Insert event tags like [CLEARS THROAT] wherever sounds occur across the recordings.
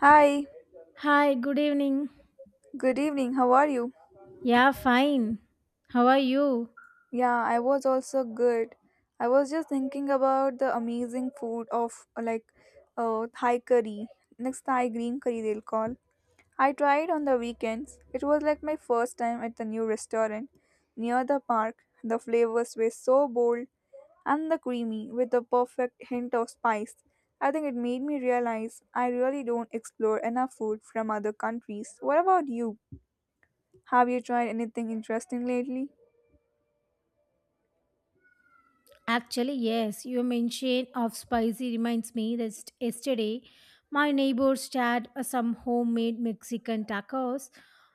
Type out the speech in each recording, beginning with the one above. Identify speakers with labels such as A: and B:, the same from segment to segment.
A: Hi,
B: Hi, good evening.
A: good evening. How are you?
B: Yeah, fine. How are you?
A: Yeah, I was also good. I was just thinking about the amazing food of like Thai curry, next Thai green curry they'll call. I tried on the weekends. It was like my first time at the new restaurant near the park. The flavors were so bold and the creamy with the perfect hint of spice. I think it made me realize I really don't explore enough food from other countries. What about you? Have you tried anything interesting lately?
B: Actually, yes, your mention of spicy reminds me that yesterday my neighbors had some homemade Mexican tacos.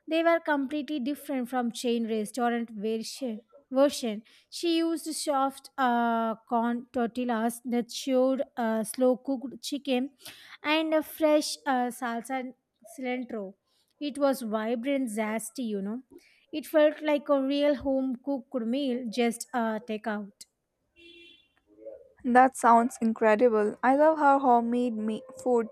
B: They were completely different from chain restaurant version. She used soft corn tortillas that showed slow cooked chicken and a fresh salsa and cilantro. It was vibrant, zesty. It felt like a real home cooked meal, just takeout.
A: That sounds incredible. I love how food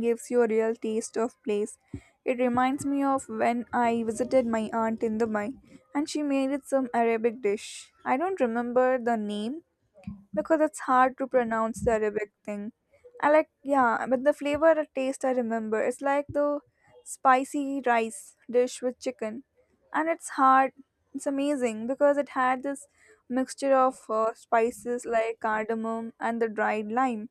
A: gives you a real taste of place. It reminds me of when I visited my aunt in Dubai and she made it some Arabic dish. I don't remember the name, because it's hard to pronounce the Arabic thing. I like, yeah, but the flavor or taste I remember. It's like the spicy rice dish with chicken. And it's hard, it's amazing because it had this mixture of spices like cardamom and the dried lime.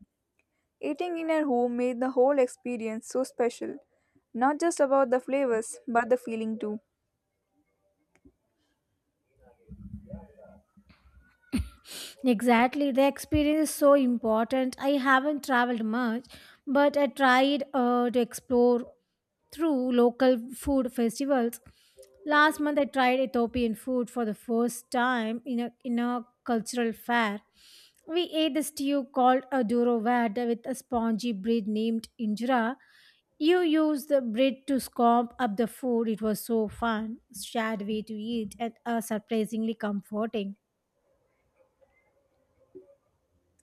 A: Eating in at home made the whole experience so special, not just about the flavors, but the feeling too.
B: Exactly. The experience is so important. I haven't traveled much, but I tried to explore through local food festivals. Last month, I tried Ethiopian food for the first time in a cultural fair. We ate a stew called a durovade with a spongy bread named injera. You use the bread to scoop up the food. It was so fun, shared way to eat, and surprisingly comforting.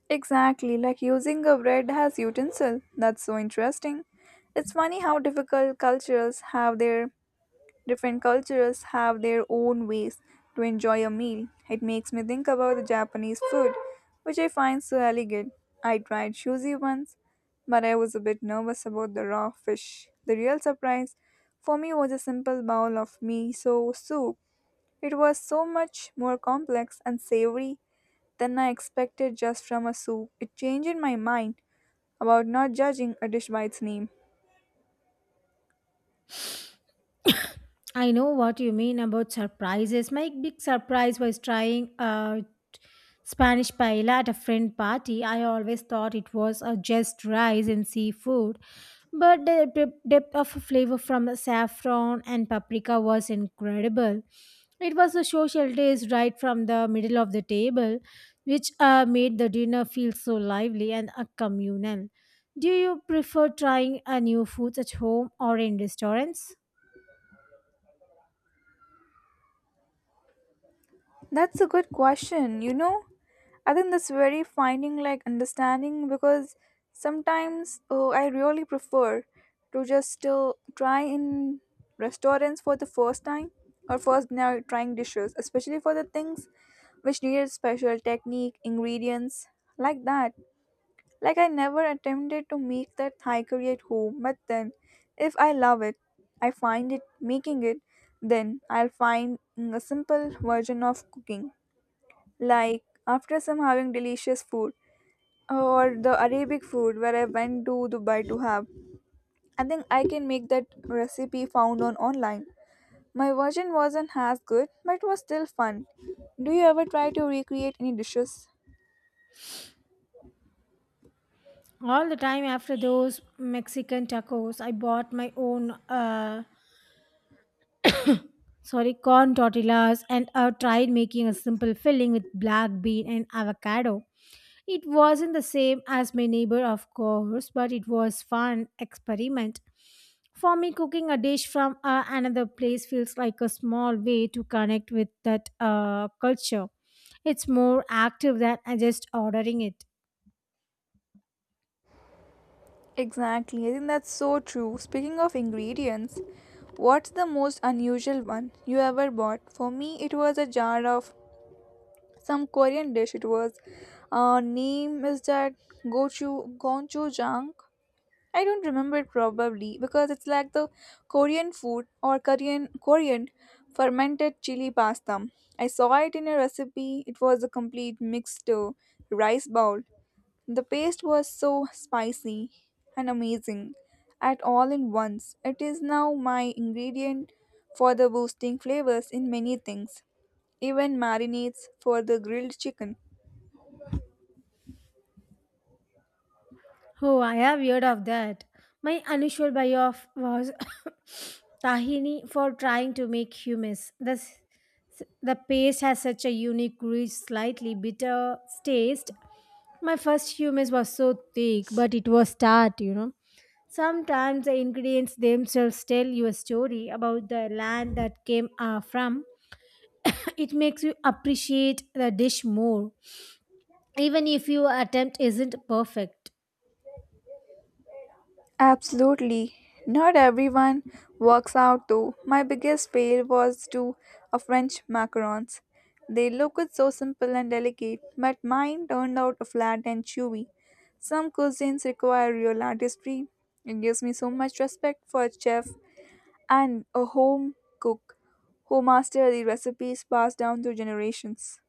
A: Exactly, like using a bread as utensil. That's so interesting. It's funny how difficult cultures have their different cultures have their own ways to enjoy a meal. It makes me think about the Japanese food, which I find so elegant. I tried sushi once, but I was a bit nervous about the raw fish. The real surprise for me was a simple bowl of miso soup. It was so much more complex and savory than I expected just from a soup. It changed my mind about not judging a dish by its name.
B: I know what you mean about surprises. My big surprise was trying a Spanish paella at a friend party. I always thought it was just rice and seafood, but the depth of flavor from the saffron and paprika was incredible. It was a social taste right from the middle of the table, which made the dinner feel so lively and communal. Do you prefer trying a new foods at home or in restaurants?
A: That's a good question, you know. I think that's very finding like understanding because sometimes oh, I really prefer to just try in restaurants for the first time or first now trying dishes, especially for the things which needed special technique, ingredients like that. Like I never attempted to make that Thai curry at home, but then if I love it, I find it making it, then I'll find a simple version of cooking. Like after some having delicious food or the Arabic food where I went to Dubai to have, I think I can make that recipe found on online. My version wasn't as good, but it was still fun. Do you ever try to recreate any dishes?
B: All the time after those Mexican tacos, I bought my own sorry corn tortillas and I tried making a simple filling with black bean and avocado. It wasn't the same as my neighbor, of course, but it was fun experiment. For me, cooking a dish from another place feels like a small way to connect with that culture. It's more active than just ordering it.
A: Exactly, I think that's so true. Speaking of ingredients, what's the most unusual one you ever bought? For me, it was a jar of some Korean dish. It was, name is that gochu gochujang. I don't remember it probably because it's like the Korean food or Korean fermented chili pasta. I saw it in a recipe. It was a complete mixed rice bowl the paste was so spicy and amazing at all in once. It is now my ingredient for the boosting flavors in many things, even marinades for the grilled chicken.
B: Oh, I have heard of that. My unusual buy-off was [COUGHS] tahini for trying to make hummus. The paste has such a unique, rich, slightly bitter taste. My first hummus was so thick, but it was tart. Sometimes the ingredients themselves tell you a story about the land that came from. [COUGHS] It makes you appreciate the dish more, even if your attempt isn't perfect.
A: Absolutely. Not everyone works out though. My biggest fail was to a French macarons. They looked so simple and delicate, but mine turned out flat and chewy. Some cuisines require real artistry. It gives me so much respect for chef and a home cook who master the recipes passed down through generations.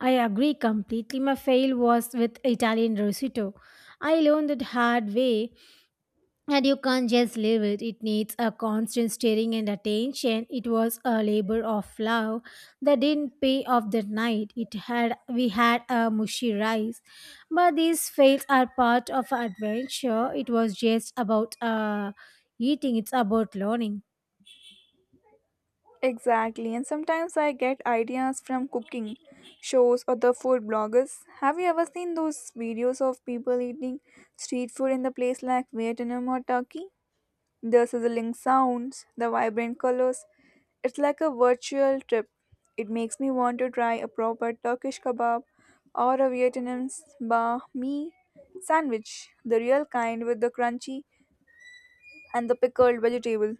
B: I agree completely. My fail was with Italian risotto. I learned it hard way and you can't just leave it. It needs a constant stirring and attention. It was a labor of love that didn't pay off that night. It had we had a mushy rice. But these fails are part of adventure. It was just about eating, it's about learning.
A: Exactly, and sometimes I get ideas from cooking shows or the food bloggers. Have you ever seen those videos of people eating street food in the place like Vietnam or Turkey? The sizzling sounds, the vibrant colors, it's like a virtual trip. It makes me want to try a proper Turkish kebab or a Vietnamese banh mi sandwich, the real kind with the crunchy and the pickled vegetable.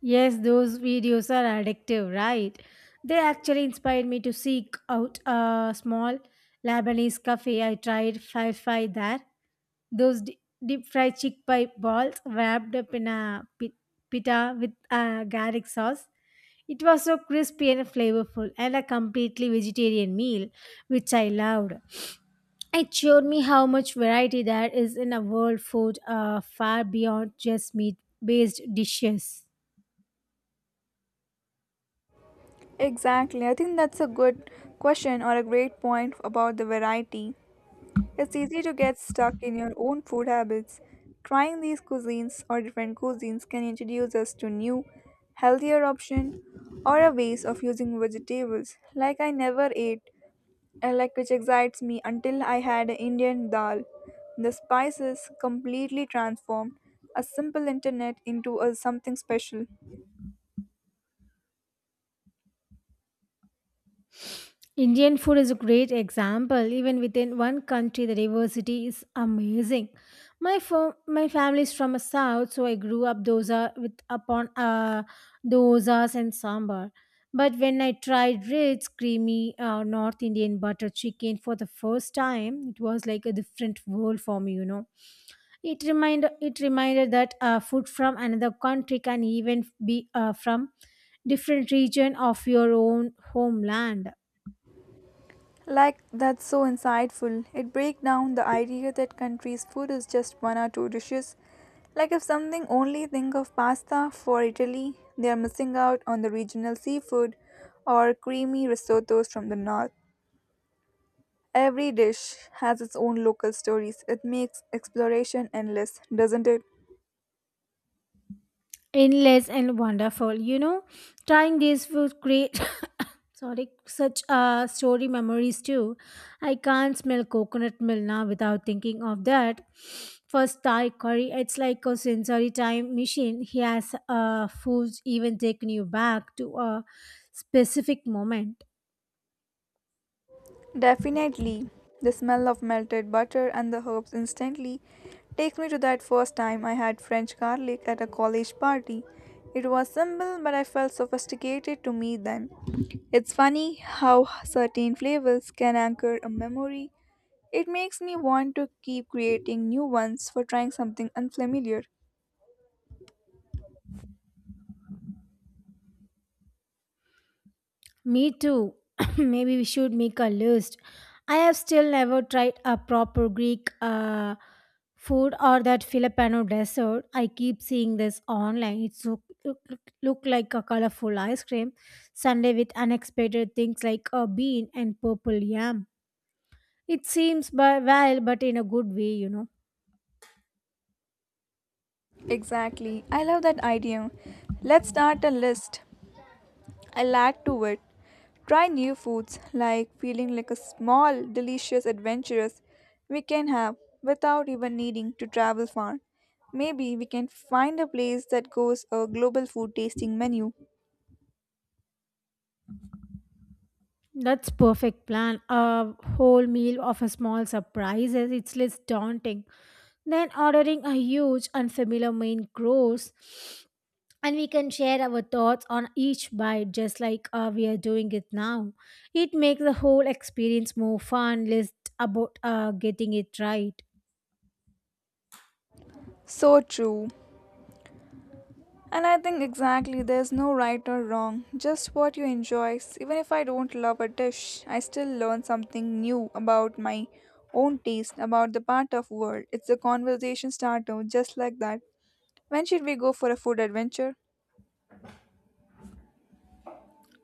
B: Yes, those videos are addictive, right? They actually inspired me to seek out a small Lebanese cafe. I tried five there. Those deep fried chickpea balls wrapped up in a pita with a garlic sauce. It was so crispy and flavorful, and a completely vegetarian meal, which I loved. It showed me how much variety there is in a world food far beyond just meat based dishes.
A: Exactly. I think that's a good question or a great point about the variety. It's easy to get stuck in your own food habits. Trying these cuisines or different cuisines can introduce us to new, healthier option or a ways of using vegetables like I never ate and like which excites me until I had a Indian dal. The spices completely transformed a simple internet into a something special.
B: Indian food is a great example. Even within one country, the diversity is amazing. My family is from a south, so I grew up dosa with upon dosas and sambar. But when I tried rich, creamy North Indian butter chicken for the first time, it was like a different world for me. It reminded that food from another country can even be from different region of your own homeland.
A: Like, that's so insightful. It breaks down the idea that countries' food is just one or two dishes. Like, if something only think of pasta for Italy, they are missing out on the regional seafood or creamy risottos from the north. Every dish has its own local stories. It makes exploration endless, doesn't it?
B: Endless and wonderful, trying this would create [COUGHS] sorry, such story memories too. I can't smell coconut milk now without thinking of that first Thai curry. It's like a sensory time machine. He has foods even taken you back to a specific moment.
A: Definitely. The smell of melted butter and the herbs instantly takes me to that first time I had French garlic at a college party. It was simple, but I felt sophisticated to me then. It's funny how certain flavors can anchor a memory. It makes me want to keep creating new ones for trying something unfamiliar.
B: Me too. [COUGHS] [CLEARS THROAT] Maybe we should make a list. I have still never tried a proper Greek food or that Filipino dessert. I keep seeing this online. It's look like a colorful ice cream sundae with unexpected things like a bean and purple yam. It seems but well, but in a good way.
A: Exactly. I love that idea. Let's start a list. I'll add to it. Try new foods like feeling like a small, delicious adventurous we can have without even needing to travel far. Maybe we can find a place that goes a global food tasting menu.
B: That's perfect plan. A whole meal of a small surprises. It's less daunting than ordering a huge unfamiliar main course. And we can share our thoughts on each bite, just like we are doing it now. It makes the whole experience more fun. Less about getting it right.
A: So true. And I think exactly there's no right or wrong, just what you enjoy. Even if I don't love a dish, I still learn something new about my own taste, about the part of world. It's a conversation starter, just like that. When should we go for a food adventure?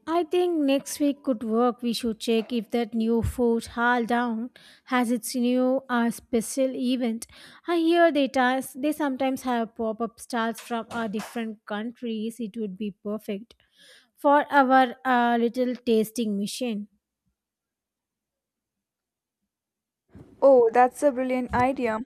B: I think next week could work. We should check if that new food hall down has its new special event. I hear they sometimes have pop up stars from different countries. It would be perfect for our little tasting mission.
A: Oh, that's a brilliant idea.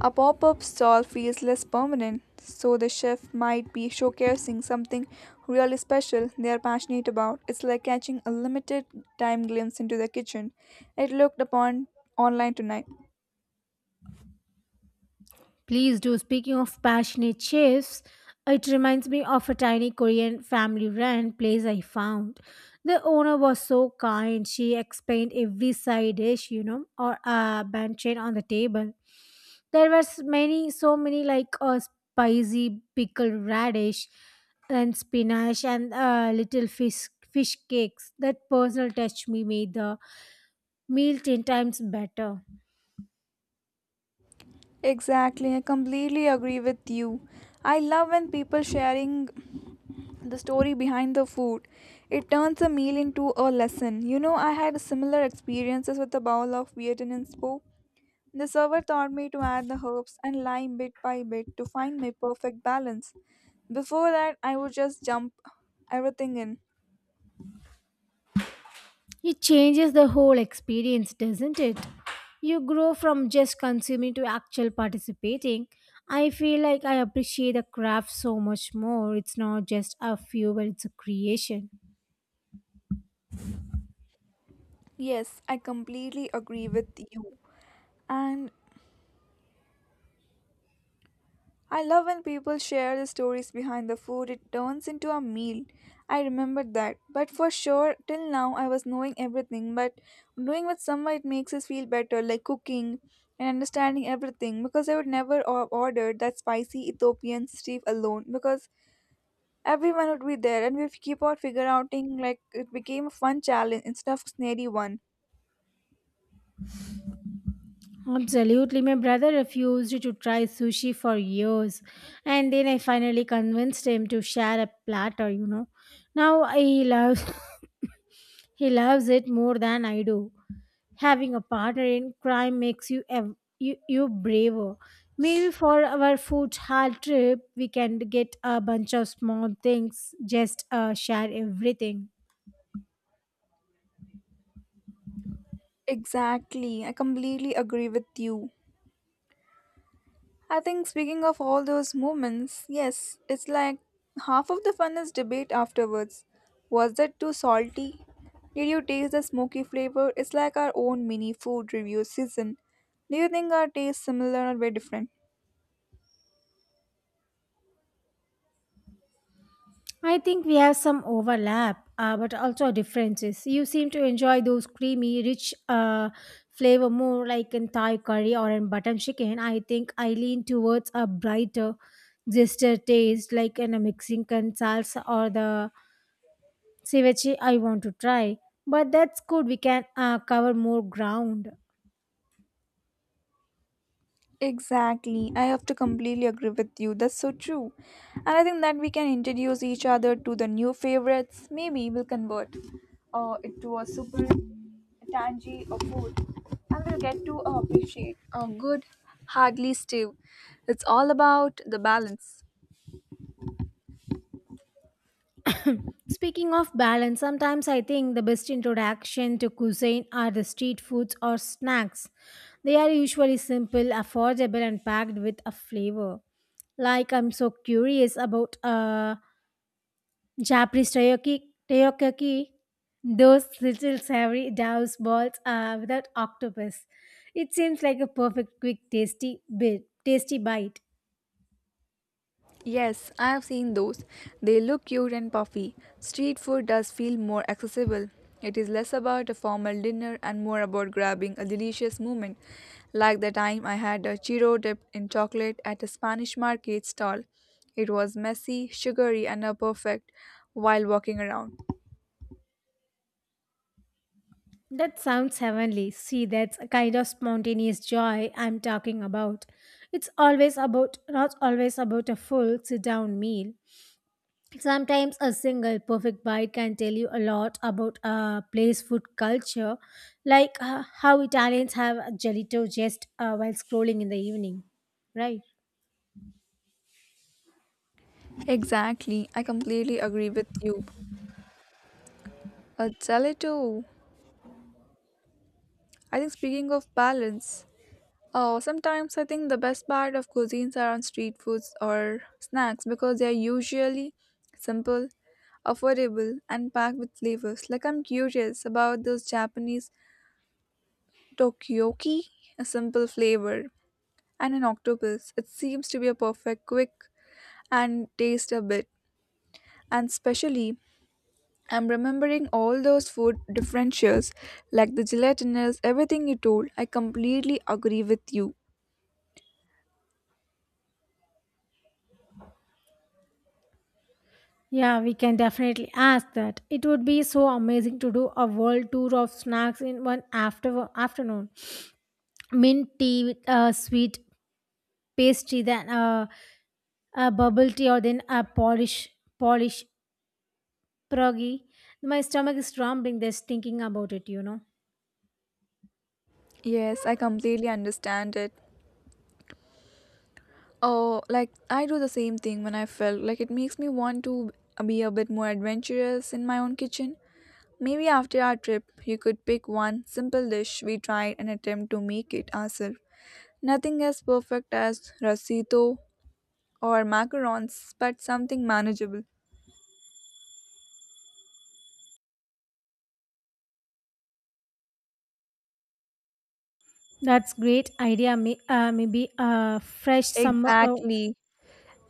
A: A pop up stall feels less permanent, so the chef might be showcasing something really special they are passionate about. It's like catching a limited time glimpse into the kitchen. It looked upon online tonight.
B: Please do. Speaking of passionate chefs, it reminds me of a tiny Korean family run place I found. The owner was so kind. She explained every side dish, or a banchan on the table. There was many, so many like a spicy pickled radish and spinach and little fish cakes. That personal touch me made the meal 10 times better.
A: Exactly, I completely agree with you. I love when people sharing the story behind the food. It turns a meal into a lesson. You know, I had similar experiences with the bowl of Vietnamese po. The server taught me to add the herbs and lime bit by bit to find my perfect balance. Before that, I would just jump everything in.
B: It changes the whole experience, doesn't it? You grow from just consuming to actual participating. I feel like I appreciate the craft so much more. It's not just a fuel, it's a creation.
A: Yes, I completely agree with you. And I love when people share the stories behind the food, it turns into a meal. I remembered that. But for sure, till now, I was knowing everything. But doing with someone, it makes us feel better, like cooking and understanding everything. Because I would never order that spicy Ethiopian stew alone. Because everyone would be there, and we'd keep on figure outing like it became a fun challenge instead of snary one.
B: Absolutely. My brother refused to try sushi for years, and then I finally convinced him to share a platter. Now he loves. [LAUGHS] [COUGHS] He loves it more than I do. Having a partner in crime makes you braver. Maybe for our food hall trip, we can get a bunch of small things, just share everything.
A: Exactly, I completely agree with you. I think speaking of all those moments, yes, it's like half of the fun is debate afterwards. Was that too salty? Did you taste the smoky flavor? It's like our own mini food review season. Do you think our tastes similar or very different?
B: I think we have some overlap, but also differences. You seem to enjoy those creamy, rich flavor more, like in Thai curry or in button chicken. I think I lean towards a brighter, zester taste, like in a Mexican salsa or the ceviche, I want to try, but that's good. We can cover more ground.
A: Exactly. I have to completely agree with you. That's so true. And I think that we can introduce each other to the new favorites. Maybe we'll convert it to a super tangy of food. And we'll get to appreciate a good, hardly stew. It's all about the balance.
B: Speaking of balance, sometimes I think the best introduction to cuisine are the street foods or snacks. They are usually simple, affordable, and packed with a flavor. Like I'm so curious about Japanese takoyaki, those little savory douse balls without octopus. It seems like a perfect, quick, tasty bite.
A: Yes, I have seen those. They look cute and puffy. Street food does feel more accessible. It is less about a formal dinner and more about grabbing a delicious moment, like the time I had a churro dipped in chocolate at a Spanish market stall. It was messy, sugary, and a perfect while walking around.
B: That sounds heavenly. See, that's a kind of spontaneous joy I'm talking about. It's always about, not always about a full sit down meal. Sometimes a single perfect bite can tell you a lot about a place food culture, like how Italians have a gelato just while scrolling in the evening, right?
A: Exactly, I completely agree with you. A gelato. I think speaking of balance, oh, sometimes I think the best part of cuisines are on street foods or snacks because they are usually simple, affordable, and packed with flavors. Like I'm curious about those Japanese tokyoki, a simple flavor, and an octopus. It seems to be a perfect, quick, and taste a bit. And especially, I'm remembering all those food differentials, like the gelatinous, everything you told. I completely agree with you.
B: Yeah, we can definitely ask that. It would be so amazing to do a world tour of snacks in one afternoon. Mint tea with a sweet pastry then a bubble tea or then a Polish pierogi. My stomach is rumbling just thinking about it.
A: Yes, I completely understand it. Oh, like I do the same thing when I felt like it makes me want to be a bit more adventurous in my own kitchen. Maybe after our trip, you could pick one simple dish we tried and attempt to make it ourselves. Nothing as perfect as rasito or macarons, but something manageable.
B: That's great idea. Maybe a fresh summer.
A: Exactly.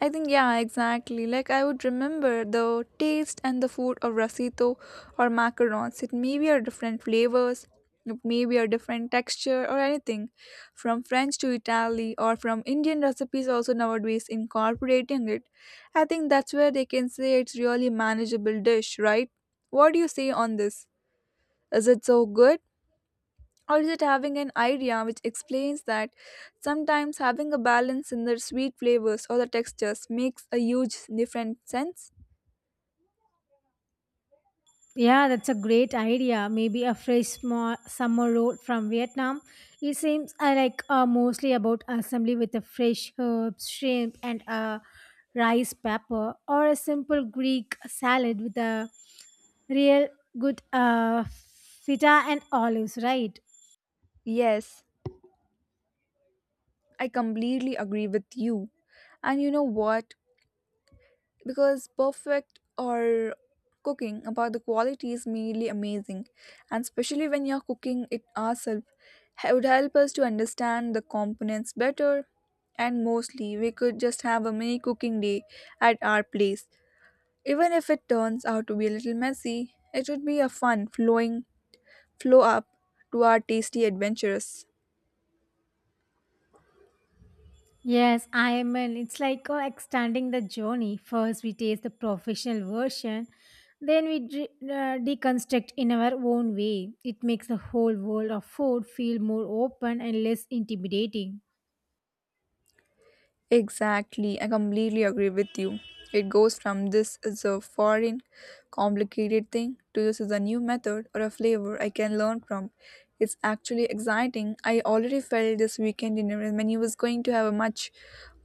A: I think, yeah, exactly. Like, I would remember the taste and the food of rasito or macarons. It may be a different flavors, it may be a different texture or anything. From French to Italy or from Indian recipes, also nowadays incorporating it. I think that's where they can say it's really manageable dish, right? What do you say on this? Is it so good? Or is it having an idea which explains that sometimes having a balance in the sweet flavors or the textures makes a huge different sense?
B: Yeah, that's a great idea. Maybe a fresh small summer roll from Vietnam. It seems I like mostly about assembly with a fresh herbs, shrimp, and a rice pepper, or a simple Greek salad with a real good feta and olives, right?
A: Yes, I completely agree with you. And you know what, because perfect or cooking about the quality is merely amazing, and especially when you're cooking it ourselves, it would help us to understand the components better. And mostly we could just have a mini cooking day at our place. Even if it turns out to be a little messy, it would be a fun flowing flow up to our tasty adventures.
B: Yes, I mean it's like extending the journey. First, we taste the professional version, then we deconstruct in our own way. It makes the whole world of food feel more open and less intimidating.
A: Exactly, I completely agree with you. It goes from this is a foreign, complicated thing to this is a new method or a flavor I can learn from. It's actually exciting. I already felt this weekend dinner menu was going to have a much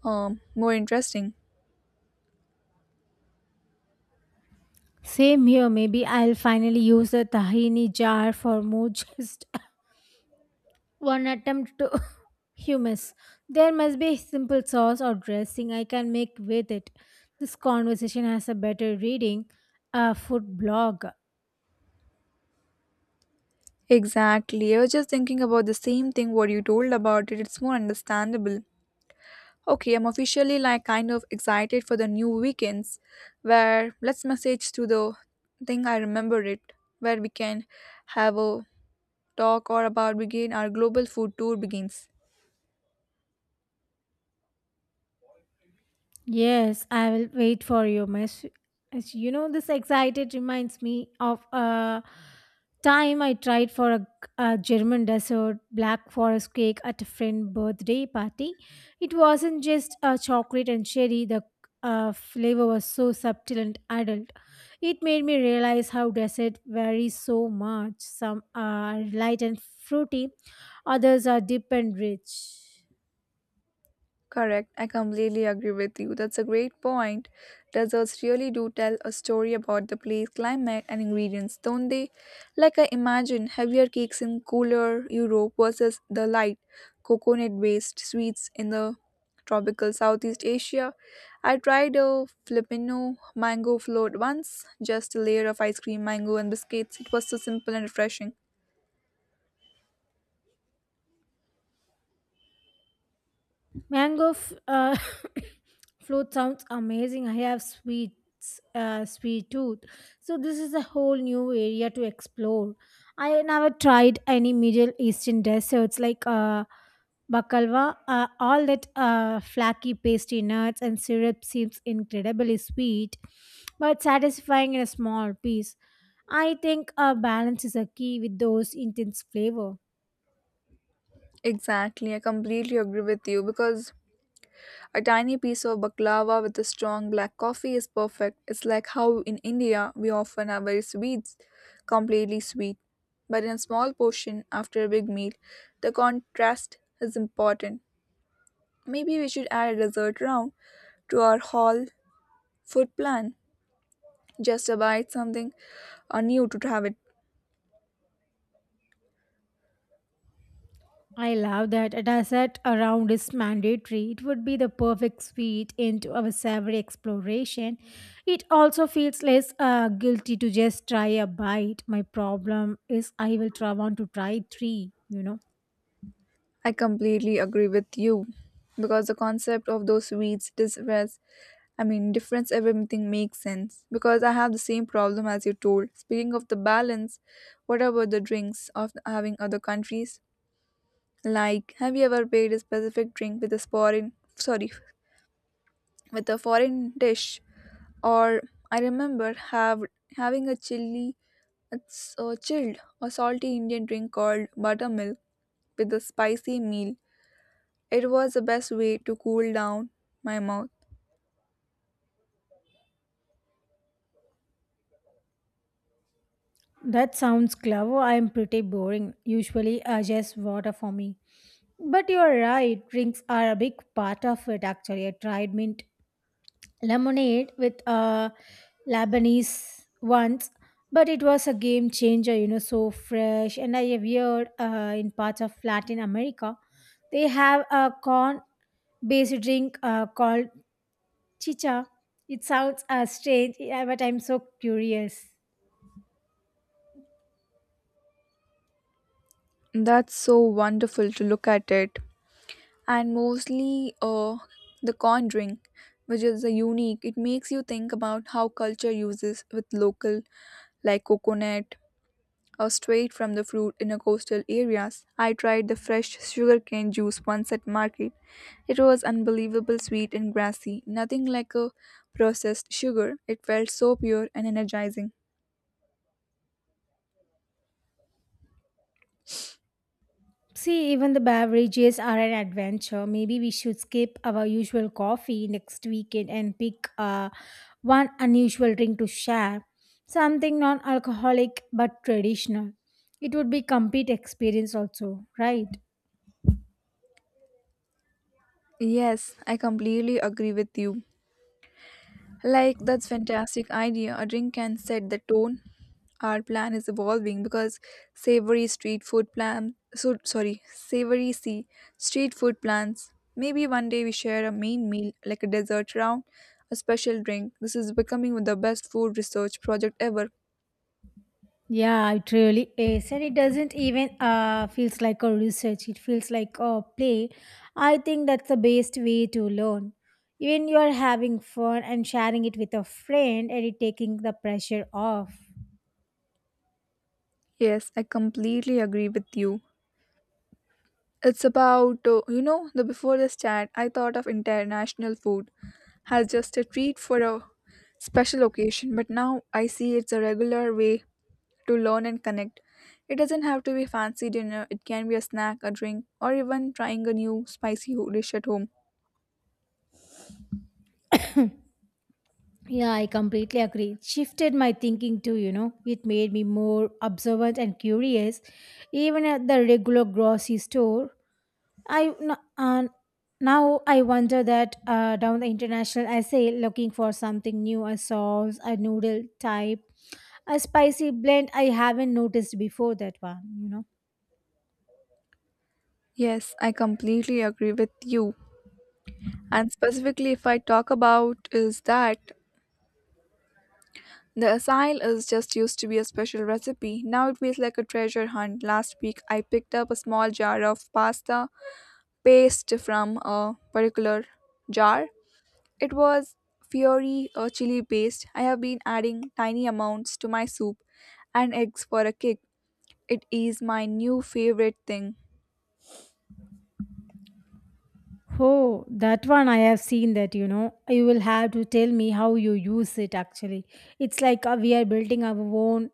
A: more interesting.
B: Same here. Maybe I'll finally use a tahini jar for more [LAUGHS] just one attempt to [LAUGHS] hummus. There must be a simple sauce or dressing I can make with it. This conversation has a better reading, a food blog.
A: Exactly. I was just thinking about the same thing what you told about it. It's more understandable. Okay, I'm officially like kind of excited for the new weekends where let's message to the thing I remember it where we can have a talk or about begin our global food tour begins.
B: Yes, I will wait for your message. As you know, this excited reminds me of a time I tried for a German dessert black forest cake at a friend birthday party. It wasn't just a chocolate and cherry. The flavor was so subtle and adult. It made me realize how dessert varies so much. Some are light and fruity, others are deep and rich.
A: Correct, I completely agree with you. That's a great point. Deserts really do tell a story about the place, climate, and ingredients, don't they? Like I imagine heavier cakes in cooler Europe versus the light, coconut based sweets in the tropical Southeast Asia. I tried a Filipino mango float once, just a layer of ice cream, mango, and biscuits. It was so simple and refreshing.
B: Mango [COUGHS] [LAUGHS] float sounds amazing. I have sweet tooth. So this is a whole new area to explore. I never tried any Middle Eastern desserts like baklava. All that flaky pastry, nuts, and syrup seems incredibly sweet, but satisfying in a small piece. I think a balance is a key with those intense flavor.
A: Exactly, I completely agree with you, because a tiny piece of baklava with a strong black coffee is perfect. It's like how in India we often have very sweets, completely sweet. But in a small portion after a big meal, the contrast is important. Maybe we should add a dessert round to our hall food plan. Just a bite something new to have it.
B: I love that a dessert around is mandatory. It would be the perfect sweet into our savory exploration. It also feels less guilty to just try a bite. My problem is I will try want to try three.
A: I completely agree with you because the concept of those weeds difference, I mean, difference everything makes sense, because I have the same problem as you told. Speaking of the balance, what about the drinks of having other countries? Like have you ever paired a specific drink with a foreign, sorry, with a foreign dish, or I remember have having a chili, it's a chilled or salty Indian drink called buttermilk with a spicy meal. It was the best way to cool down my mouth.
B: That sounds clever. I'm pretty boring. Usually, just water for me. But you're right. Drinks are a big part of it, actually. I tried mint lemonade with Lebanese once, but it was a game changer, so fresh. And I have heard in parts of Latin America, they have a corn based drink called chicha. It sounds strange, yeah, but I'm so curious.
A: That's so wonderful to look at it. And mostly the corn drink, which is a unique. It makes you think about how culture uses with local, like coconut or straight from the fruit in a coastal areas. I tried the fresh sugarcane juice once at market. It was unbelievable sweet and grassy, nothing like a processed sugar. It felt so pure and energizing.
B: See, even the beverages are an adventure. Maybe we should skip our usual coffee next weekend and pick one unusual drink to share. Something non alcoholic but traditional. It would be complete experience also, right?
A: Yes, I completely agree with you. Like that's fantastic idea. A drink can set the tone. Our plan is evolving because savory street food plan, so sorry, savory sea street food plans. Maybe one day we share a main meal like a dessert round, a special drink. This is becoming the best food research project ever.
B: Yeah, it really is. And it doesn't even feels like a research. It feels like a play. I think that's the best way to learn. Even you are having fun and sharing it with a friend and it taking the pressure off.
A: Yes, I completely agree with you. It's about, the before the chat, I thought of international food as just a treat for a special occasion, but now I see it's a regular way to learn and connect. It doesn't have to be fancy dinner, it can be a snack, a drink, or even trying a new spicy dish at home.
B: [LAUGHS] Yeah, I completely agree. It shifted my thinking too. It made me more observant and curious. Even at the regular grocery store, I n- uh, now I wonder that down the international essay looking for something new, a sauce, a noodle type, a spicy blend I haven't noticed before that one.
A: Yes, I completely agree with you. And specifically, if I talk about is that the asail is just used to be a special recipe. Now it feels like a treasure hunt. Last week, I picked up a small jar of pasta paste from a particular jar. It was fiery or chili based. I have been adding tiny amounts to my soup and eggs for a kick. It is my new favorite thing.
B: Oh, that one I have seen that, you know. You will have to tell me how you use it actually. It's like we are building our own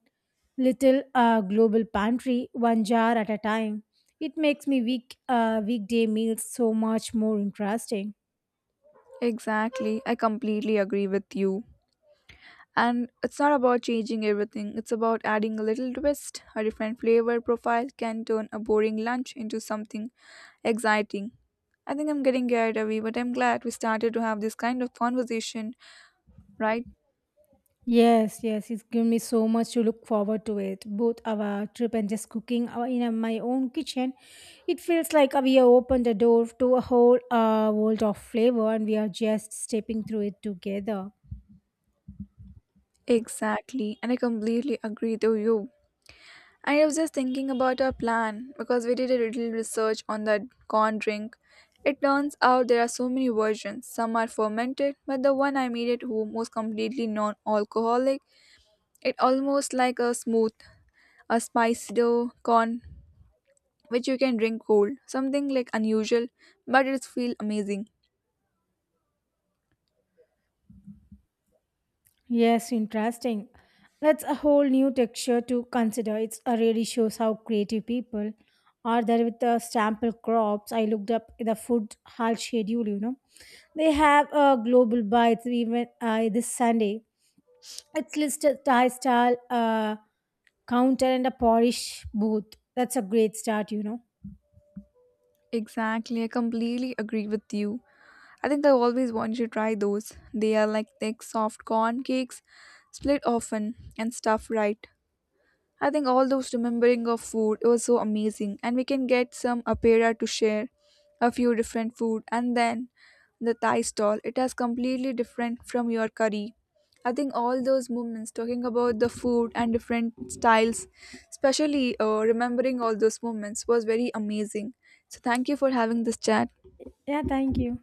B: little global pantry, one jar at a time. It makes me weekday meals so much more interesting.
A: Exactly, I completely agree with you. And it's not about changing everything, it's about adding a little twist. A different flavor profile can turn a boring lunch into something exciting. I think I'm getting carried away, but I'm glad we started to have this kind of conversation, right?
B: Yes, yes, it's given me so much to look forward to it. Both our trip and just cooking in my own kitchen, it feels like we have opened the door to a whole world of flavor, and we are just stepping through it together.
A: Exactly, and I completely agree with you. I was just thinking about our plan because we did a little research on that corn drink. It turns out there are so many versions. Some are fermented, but the one I made at home was completely non-alcoholic. It almost like a smooth, a spicy dough corn which you can drink cold. Something like unusual, but it feels amazing.
B: Yes, interesting. That's a whole new texture to consider. It's really shows how creative people are there with the sample crops. I looked up the food hall schedule. They have a global bites even this Sunday. It's listed Thai style counter and a Polish booth. That's a great start.
A: Exactly, I completely agree with you. I think I always wanted to try those. They are like thick, soft corn cakes, split often and stuffed right. I think all those remembering of food it was so amazing, and we can get some apera to share a few different food, and then the Thai stall. It has completely different from your curry. I think all those moments talking about the food and different styles, especially remembering all those moments, was very amazing. So thank you for having this chat.
B: Yeah, thank you.